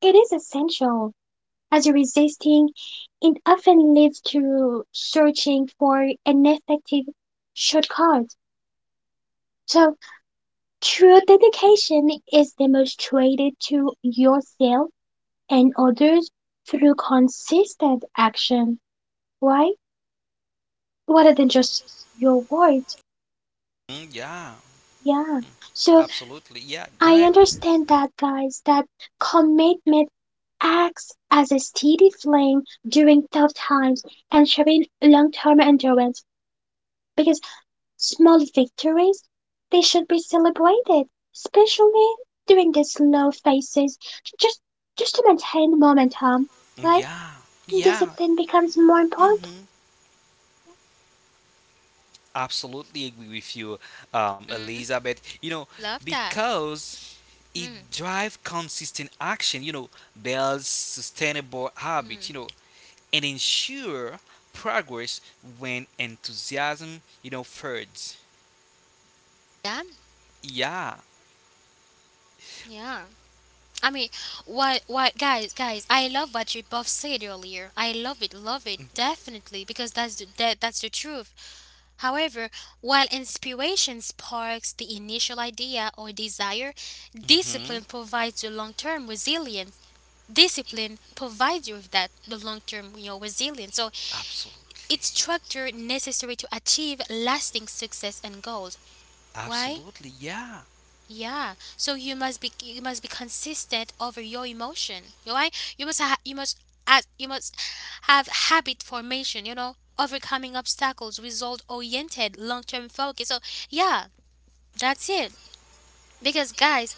it is essential as resisting. It often leads to searching for an effective shortcut. So true dedication is demonstrated to yourself and others through consistent action, right? Rather than just your words.
Mm, yeah.
Yeah. So
Absolutely. Yeah. Go
I
ahead.
understand that guys that commitment acts as a steady flame during tough times and shaping long-term endurance because small victories they should be celebrated, especially during the slow phases, just just to maintain momentum,
Mm,
right?
yeah. Yeah.
Discipline becomes more important.
Mm-hmm. Absolutely agree with you,
mm-hmm,
Elizabeth.
love that.
Because it
Mm,
drives consistent action, builds sustainable habits,
mm.
and ensure progress when enthusiasm, fades.
Yeah,
Yeah.
yeah. I mean, guys, guys, I love what you both said earlier. I love it, definitely, because that's the, that, that's the truth. However, while inspiration sparks the initial idea or desire,
Mm-hmm.
discipline provides the long-term resilience. Discipline provides you with that, the long-term, you know, resilience. So
Absolutely.
it's structure necessary to achieve lasting success and goals. Why?
Absolutely. Yeah.
Yeah, so you must be consistent over your emotion. You know, right? You must you must act, you must have habit formation. You know, overcoming obstacles, result oriented, long term focus. So yeah, that's it. Because guys,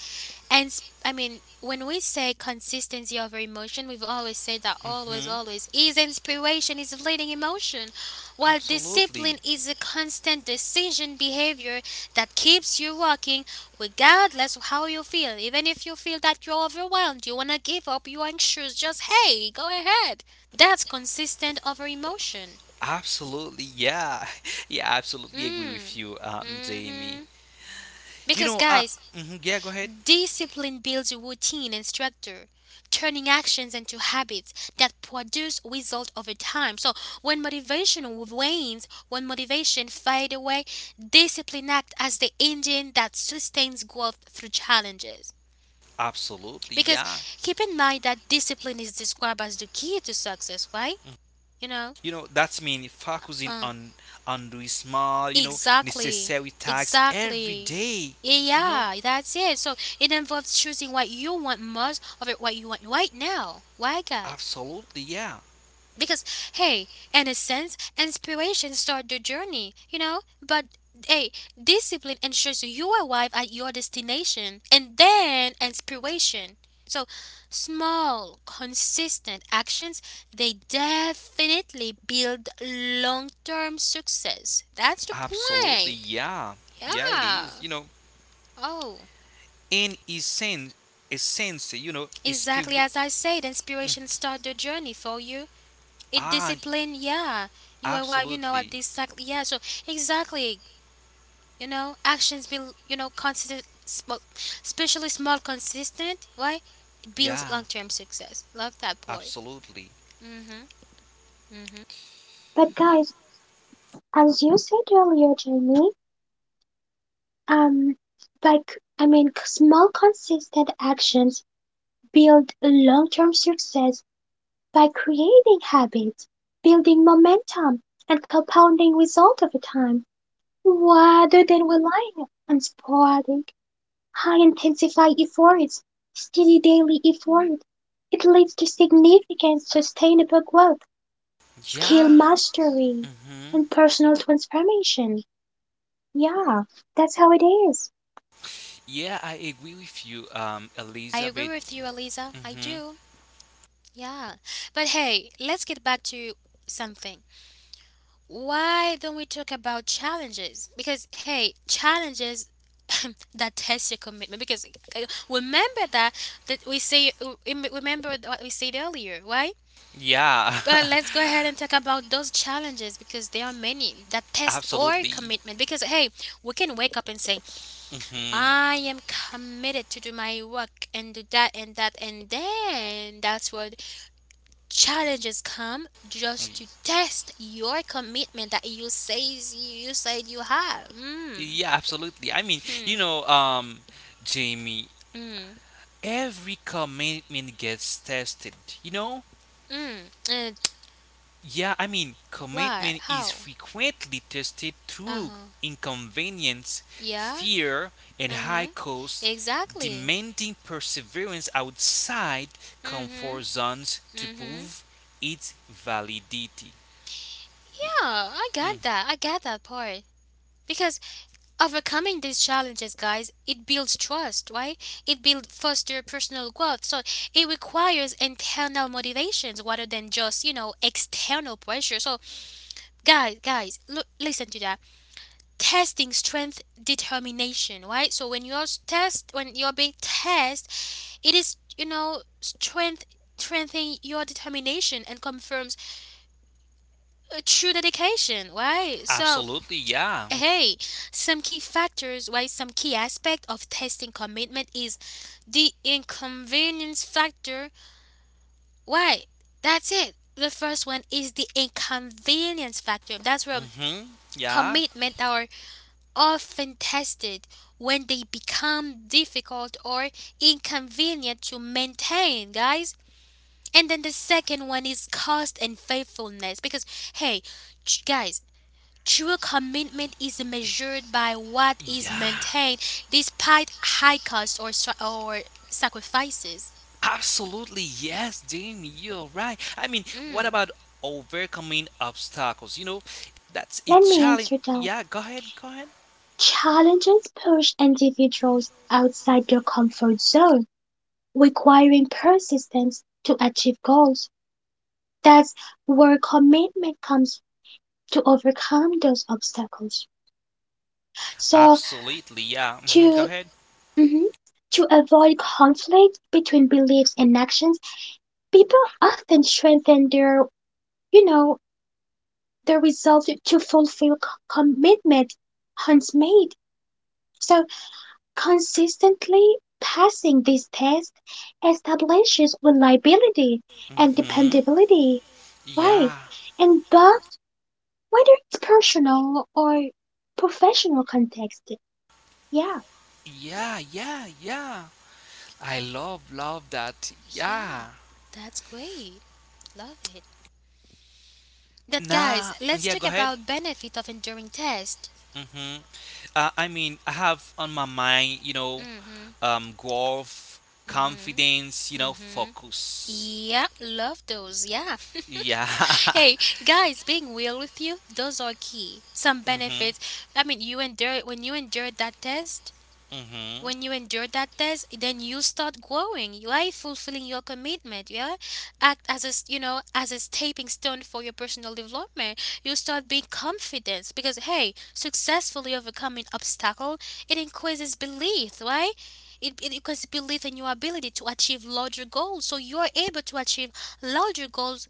and I mean, when we say consistency over emotion, we've always said that, always,
Mm-hmm.
always is inspiration is fleeting emotion, while discipline
Absolutely.
is a constant decision behavior that keeps you walking regardless of how you feel. Even if you feel that you're overwhelmed, you want to give up, you're anxious, just hey, go ahead. That's consistent over emotion.
Absolutely, yeah, yeah, I absolutely agree with
Mm.
you, Jamie.
Mm-hmm.
You
Because
know, uh,
guys,
mhm, yeah, go ahead.
discipline builds routine and structure, turning actions into habits that produce results over time. So when motivation wanes, when motivation fades away, discipline acts as the engine that sustains growth through challenges.
Absolutely,
Because
yeah.
keep in mind that discipline is described as the key to success, right? You know?
That's mean focusing
Uh.
on doing small,
Exactly.
necessary tasks every
Exactly.
day. You know,
Yeah, that's it. So it involves choosing what you want most of it, what you want right now. Why, guys?
Absolutely, yeah,
Because, hey, in a sense, inspiration starts the journey, you know? But, hey, discipline ensures you arrive at your destination and then inspiration. So, small, consistent actions, they definitely build long term success. That's the
absolutely,
point.
yeah, yeah, it is.
Yeah. Oh,
In a sense, a sense. Is
exactly
spirit.
as I said, inspiration start the journey for you. It
Ah,
discipline, yeah. You arrive, you know, at
absolutely,
this cycle, yeah. So exactly, you know, actions build, you know, consistent, small, especially small, consistent, right? It builds
yeah,
long-term success. Love that point.
absolutely,
Mhm. Mhm.
But guys, as you said earlier, Jamie, um, small consistent actions build long-term success by creating habits, building momentum, and compounding results over time, rather than relying on sporadic, high-intensity efforts. Steady daily effort. It leads to significant sustainable growth, skill
yeah.
mastery,
Mm-hmm.
and personal transformation. Yeah, that's how it is.
Yeah, I agree with you,
I agree
Elizabeth.
with you, Eliza. I
hmm
do. Yeah. But hey, let's get back to something. Why don't we talk about challenges? Because hey, challenges that test your commitment. Because remember that that we say remember what we said earlier, right?
Yeah,
But let's go ahead and talk about those challenges because there are many that test our
absolutely.
commitment. Because hey, we can wake up and say,
hmm
I am committed to do my work and do that and that and then that's what challenges come just to test your commitment that you says you, you said you have. Mm.
Yeah, absolutely.
Hmm.
Jamie,
Mm.
every commitment gets tested, you know?
Mm. And
Yeah,
why?
commitment is
How?
frequently tested
Uh
through
huh.
inconvenience,
Yeah.
fear, and
Uh
high
huh.
cost,
Exactly.
demanding perseverance outside
Mm hmm.
comfort zones to
Mm hmm.
prove its validity.
Yeah, I
Mm,
got that. I got that part. Because overcoming these challenges, guys, it builds trust, right? It builds foster personal growth. So it requires internal motivations rather than just, you know, external pressure. So guys guys look, listen to that. Testing strength, determination, right? So when you're s- test when you're being tested, it is you know strength strengthening your determination and confirms a true dedication, right? So
absolutely, yeah.
hey, some key factors, right? Some key aspect of testing commitment is the inconvenience factor, right? That's it. The first one is the inconvenience factor. That's where
hmm Yeah,
commitment our often tested when they become difficult or inconvenient to maintain, guys. And then the second one is cost and faithfulness because, hey, guys, true commitment is measured by what is
yeah,
maintained despite high costs or, sacrifices.
absolutely. Yes, Jamie, you're right. What
Mm,
about overcoming obstacles? That's a
Let me
challenge.
answer that.
Yeah, go ahead, go ahead.
Challenges push individuals outside their comfort zone requiring persistence to achieve goals. That's where commitment comes to overcome those obstacles. So
Absolutely, yeah. Go
to
ahead.
mhm, to avoid conflict between beliefs and actions, people often strengthen their you know their resolve to fulfill commitment once made. So consistently passing this test establishes reliability and
hmm
dependability. Why?
Yeah,
And bonds whether it's personal or professional context. Yeah,
yeah, yeah, yeah. I love, love that.
yeah,
Yeah.
that's great. Love it. But guys,
Nah,
let's
yeah,
talk
go ahead.
about benefit of enduring test.
hmm I have on my mind,
Hmm.
growth,
Hmm.
confidence,
Hmm.
focus.
Yep, love those. Yeah.
Yeah.
hey, guys, being real with you, those are key. Some
Mhm.
benefits. I mean, you endure when you endured that test,
Mhm.
when you endure that test, then you start growing, right? Fulfilling your commitment, yeah? Act as a, you know, as a stepping stone for your personal development. You start being confident because, hey, successfully overcoming obstacle, it increases belief, right? It increases belief in your ability to achieve larger goals. So you're able to achieve larger goals.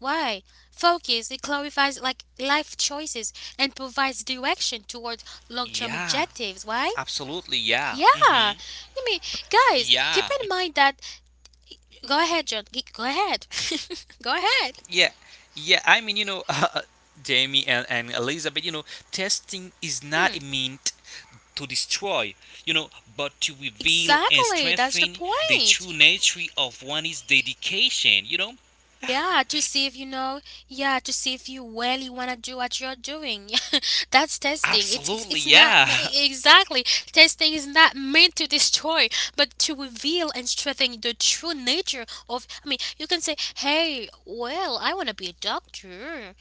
Why? Focus, it clarifies like life choices and provides
Yeah.
direction toward
Absolutely.
long-term
Yeah.
objectives. Why?
Mhm.
Yeah, I
Yeah.
mean, guys, keep in mind that. Go ahead, John. Go ahead. Go ahead.
Yeah. Yeah. Jamie and Elizabeth, testing is not
Hmm.
meant to destroy, you know, but to reveal and
Exactly,
strengthen
that's the
the true
point.
nature of one's dedication, you know.
Yeah, to see if you know. Yeah, to see if you really wanna do what you're doing. That's testing. It's it's
Absolutely,
it's not
yeah.
exactly testing is not meant to destroy, but to reveal and strengthen the true nature of. I mean, you can say, "Hey, well, I wanna be a doctor."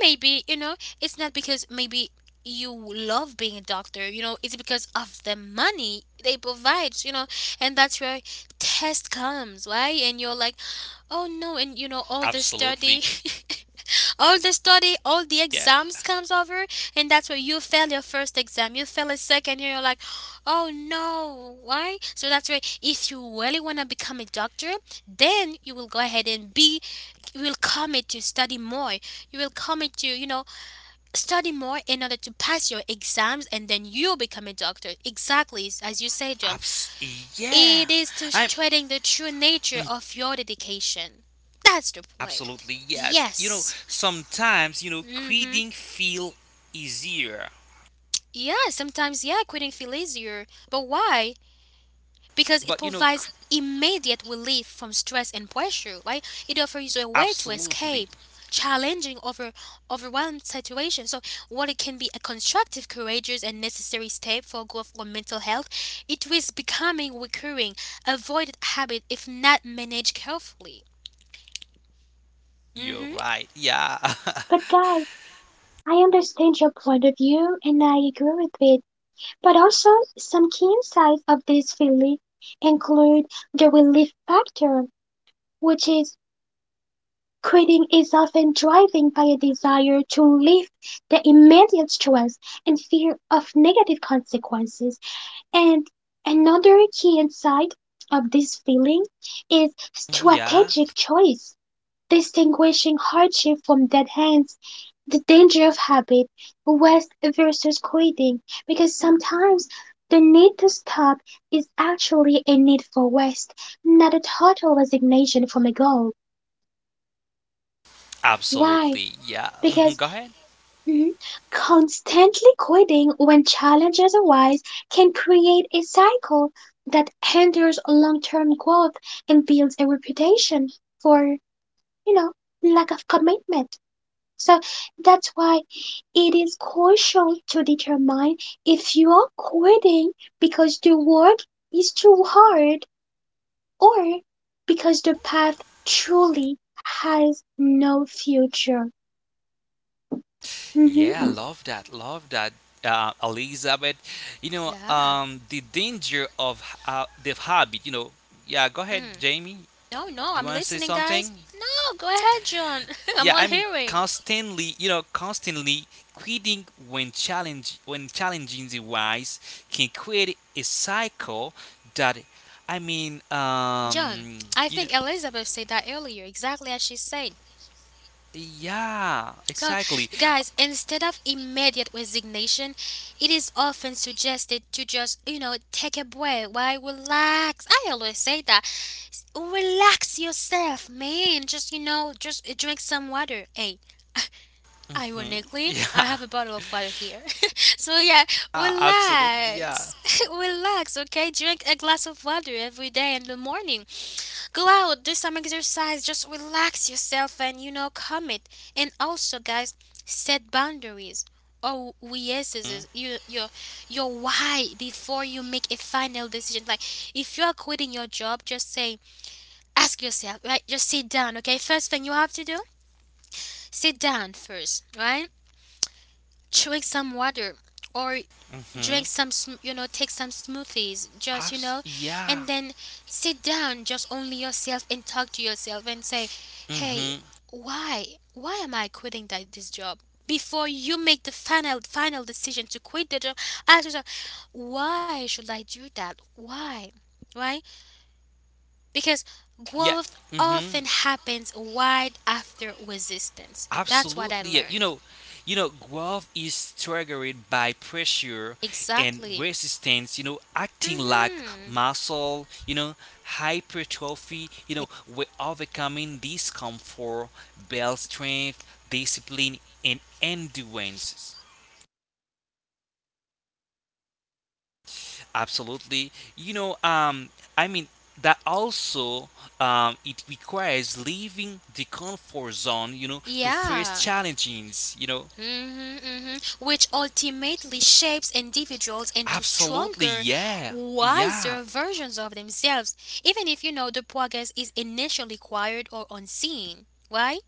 Maybe, you know, it's not because maybe you love being a doctor, you know, it's because of the money they provide, you know, and that's where test comes, right? And you're like, oh no, and you know, all
Absolutely,
the study. All the study,
yeah.
all the exams comes over, and that's where you fail your first exam, you fail a second, and you're like, oh no, why? So that's why if you really want to become a doctor, then you will go ahead and be, you will commit to study more, you will commit to, you know, study more in order to pass your exams, and then you'll become a doctor. Exactly you say, John,
Abs- yeah.
it is to
I'm
treating the true nature
Mm,
of your dedication. That's the point.
absolutely yes.
Yes.
Sometimes
Mm-hmm.
quitting feel easier,
Yeah, sometimes, yeah, quitting feel easier, but why? Because it
but you know,
provides
qu-
immediate relief from stress and pressure, right? It offers a way to
absolutely,
escape challenging over overwhelmed situations. So while it can be a constructive, courageous and necessary step for growth or mental health, it risks becoming recurring, avoided habit if not managed carefully.
absolutely, Jamie,
Mm-hmm.
you're right. Yeah,
but guys, I understand your point of view and I agree with it. But also, some key insights of this feeling include the relief factor, which is quitting is often driven by a desire to relieve the immediate stress and fear of negative consequences. And another key insight of this feeling is
Mhm, yeah.
strategic choice. Distinguishing hardship from dead ends, the danger of habit, rest versus quitting, because sometimes the need to stop is actually a need for rest, not a total resignation from a goal. Why?
Absolutely, yeah.
Because
Go ahead.
mhm, constantly quitting when challenges arise can create a cycle that hinders long term growth and builds a reputation for, you know, lack of commitment. So that's why it is crucial to determine if you are quitting because the work is too hard or because the path truly has no future.
Yeah,
Mhm.
love that, Elizabeth.
Yeah.
The danger of the habit. Yeah. Go ahead,
Mm.
Jamie.
No, no,
Do you
I'm
want to say
listening, guys.
something?
No, go ahead, John. I'm all hearing.
Constantly quitting when challenging the wise can create a cycle that I mean,
John, I
you know,
think Elizabeth said that earlier, exactly as she said.
yeah,
So,
exactly.
guys, instead of immediate resignation, it is often suggested to just, you know, take a break, why, relax. I always say that. Relax yourself, man. Just, you know, just drink some water. Hey,
hmm
ironically,
Yeah,
I have a bottle of water here. So, yeah,
absolutely. Yeah.
relax. Relax, okay? Drink a glass of water every day in the morning. Go out, do some exercise, just relax yourself and, you know, commit. And also, guys, set boundaries or yeses,
Mm-hmm.
your why before you make a final decision. Like, if you are quitting your job, just say, ask yourself, right? Just sit down, okay? First thing you have to do, sit down first, right? Chewing some water or
Mm-hmm.
drink some you know, take some smoothies, just, you know,
Yeah.
and then sit down just only yourself and talk to yourself and say, hey,
Mm-hmm.
why why am I quitting that this job? Before you make the final decision to quit the job, ask yourself, why should I do that? Why? Why? Because
Yeah.
growth
Mm-hmm.
often happens right after resistance. That's what I
Absolutely. Yeah.
learned.
Growth is triggered by pressure and
Exactly.
resistance, acting like
Hmm.
muscle, hypertrophy, we're overcoming discomfort, build strength, discipline and endurance. Absolutely. I mean that also it requires leaving the comfort zone, to face
Yeah.
challenges, you know.
Hmm. Hmm. Which ultimately shapes individuals into
Absolutely,
stronger,
yeah, yeah.
wiser versions of themselves, even if, you know, the progress is initially quiet or unseen. Why?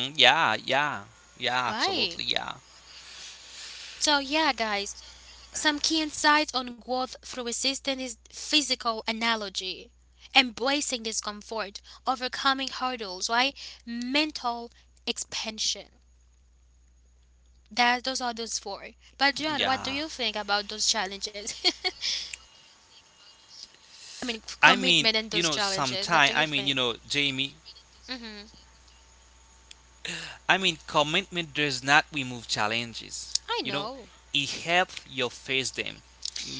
Mm, yeah, yeah, yeah,
Why?
absolutely, yeah,
So, yeah, guys, some key insights on growth through resistance is physical analogy, embracing discomfort, overcoming hurdles, right? Mental expansion. That those are those four. But John,
yeah.
what do you think about those challenges? I mean,
I mean,
commitment and
you
those
know,
challenges. What do
sometime,
you
I mean, you
think?
know, Jamie,
Mm-hmm.
commitment does not remove challenges,
I
you know,
know.
it helps you face them.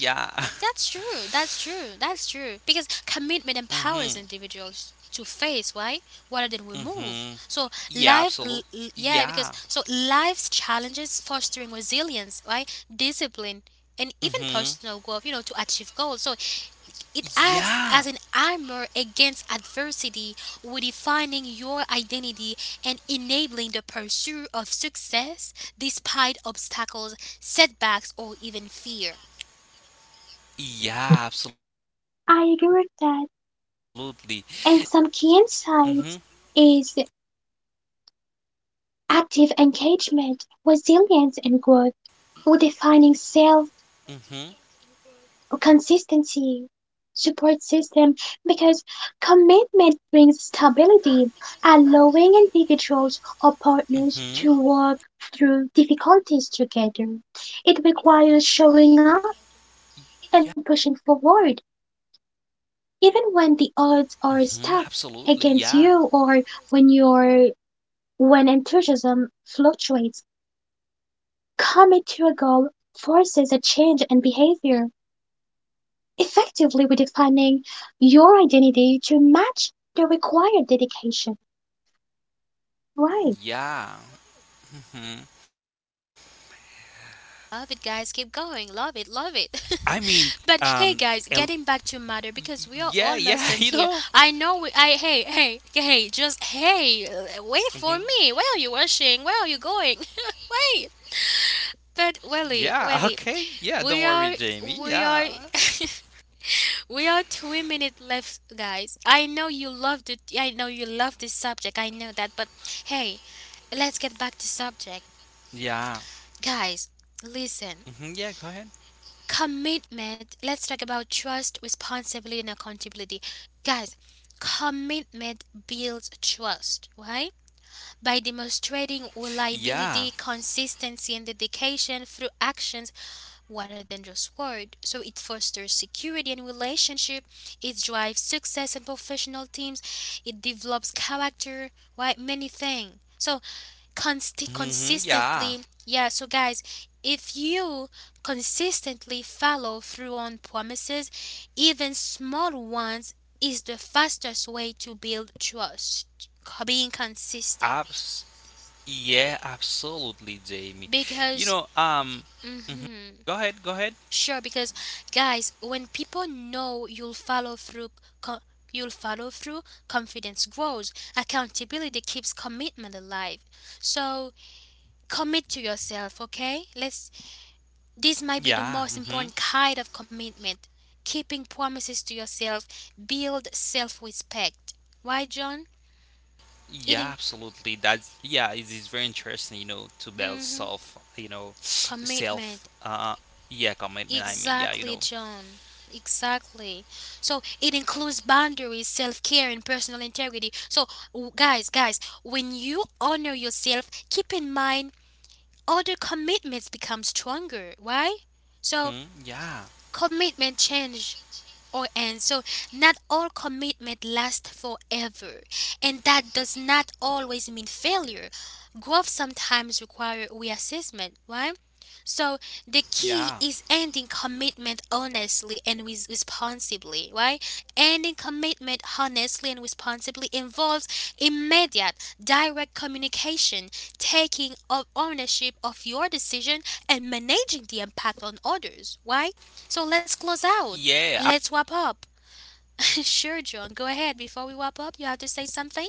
Yeah.
That's true. That's true. That's true. Because commitment empowers
Mm-hmm,
individuals to face right rather than remove. So
mm-hmm,
life,
yeah,
yeah,
absolutely,
because so
yeah,
life's challenges fostering resilience, right, discipline, and even personal growth. You know, to
mm-hmm,
achieve goals. So it acts as an armor
yeah,
against adversity, redefining your identity and enabling the pursuit of success despite obstacles, setbacks, or even fear.
yeah,
I agree with
absolutely,
that.
mm-hmm,
And some key insights is active engagement, resilience, and growth, redefining
mm-hmm.
self consistency support system because commitment brings stability, allowing individuals or
Mm-hmm.
partners to work through difficulties together. It requires showing up and
Yeah.
pushing forward, even when the odds are
Mm-hmm.
stacked
Absolutely. Yeah.
against you or when your when enthusiasm fluctuates. Commit to a goal forces a change in behavior effectively redefining your identity to match the required dedication. Right.
Yeah. Mm-hmm.
Love it, guys. Keep
I mean,
going. Love it.
um,
Love it.
el-
But hey, guys,
yeah, yeah.
getting back
You
to
know.
matter because we are almost done here. I know we. I hey hey hey.
Mm-hmm.
Just hey. Wait for me. Where are you rushing? Where are you going? Wait.
Yeah. Okay. Yeah.
But
Don't worry,
Welly,
Jamie.
Welly,
Yeah.
we are we are we are 2 minutes left, guys. I know you love the I know you love this subject. I know that, but hey, let's get back to
Yeah.
subject, guys.
Mm-hmm. Yeah. Go ahead.
Listen, commitment. Let's talk about trust, responsibility, and accountability, guys. Commitment builds trust, right? By demonstrating
Yeah.
reliability, consistency, and dedication through actions rather than just word. So it fosters security and relationship. It drives success in professional teams. It develops character. Right, many things. So
Mm-hmm. Yeah.
consistently, yeah. So guys, if you consistently follow through on promises, even small ones, is the fastest way to build trust. Being consistent
Abs. Yeah. Absolutely, Jamie. You
because.
know. Um. Mhm.
Mhm.
Go ahead. Go ahead.
Sure, because guys, when people know you'll follow through, co- you'll follow through, confidence grows, accountability keeps commitment alive. So commit to yourself, okay? Let's. This might be the
Yeah,
most
hmm
important kind of commitment. Keeping promises to yourself build self-respect. Why, John?
yeah,
Eating.
absolutely. That's Yeah, it is very interesting, to build
Mm-hmm.
self, self,
Commitment.
yeah, commitment. Yeah, you
Exactly,
know.
John. Exactly. So it includes boundaries, self care, and personal integrity. So, guys, guys, when you honor yourself, keep in mind other commitments become stronger. Why? So,
hmm yeah,
commitment change or end. So not all commitment lasts forever, and that does not always mean failure. Growth sometimes requires reassessment, right? So the key is
yeah,
ending commitment honestly and with responsibly, right? Ending commitment honestly and responsibly involves immediate, direct communication, taking of ownership of your decision, and managing the impact on others. Why? So let's close out.
yeah, I,
Let's wrap up. Sure, John. Go ahead. Before we wrap up, you have to say something?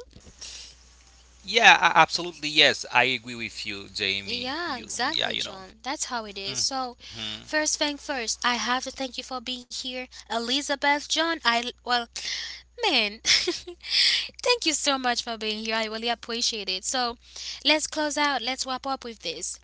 yeah, absolutely. Yes, I agree with you, Jamie.
Yeah,
You, yeah,
exactly,
you know.
John. That's how it
Hmm
is. So, first thing first, I have to thank you for being here. Elizabeth, John, I, well, man, thank you so much for being here. I really appreciate it. So, let's close out. Let's wrap up with this.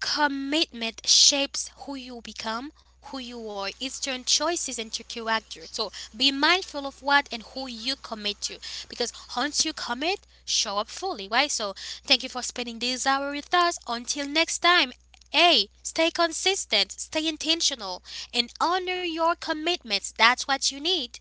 Commitment shapes who you become, who you are. It's your choices into character. So be mindful of what and who you commit to. Because once you commit, show up fully, right? So thank you for spending this hour with us. Until next time, hey! Stay consistent, stay intentional, and honor your commitments. That's what you need.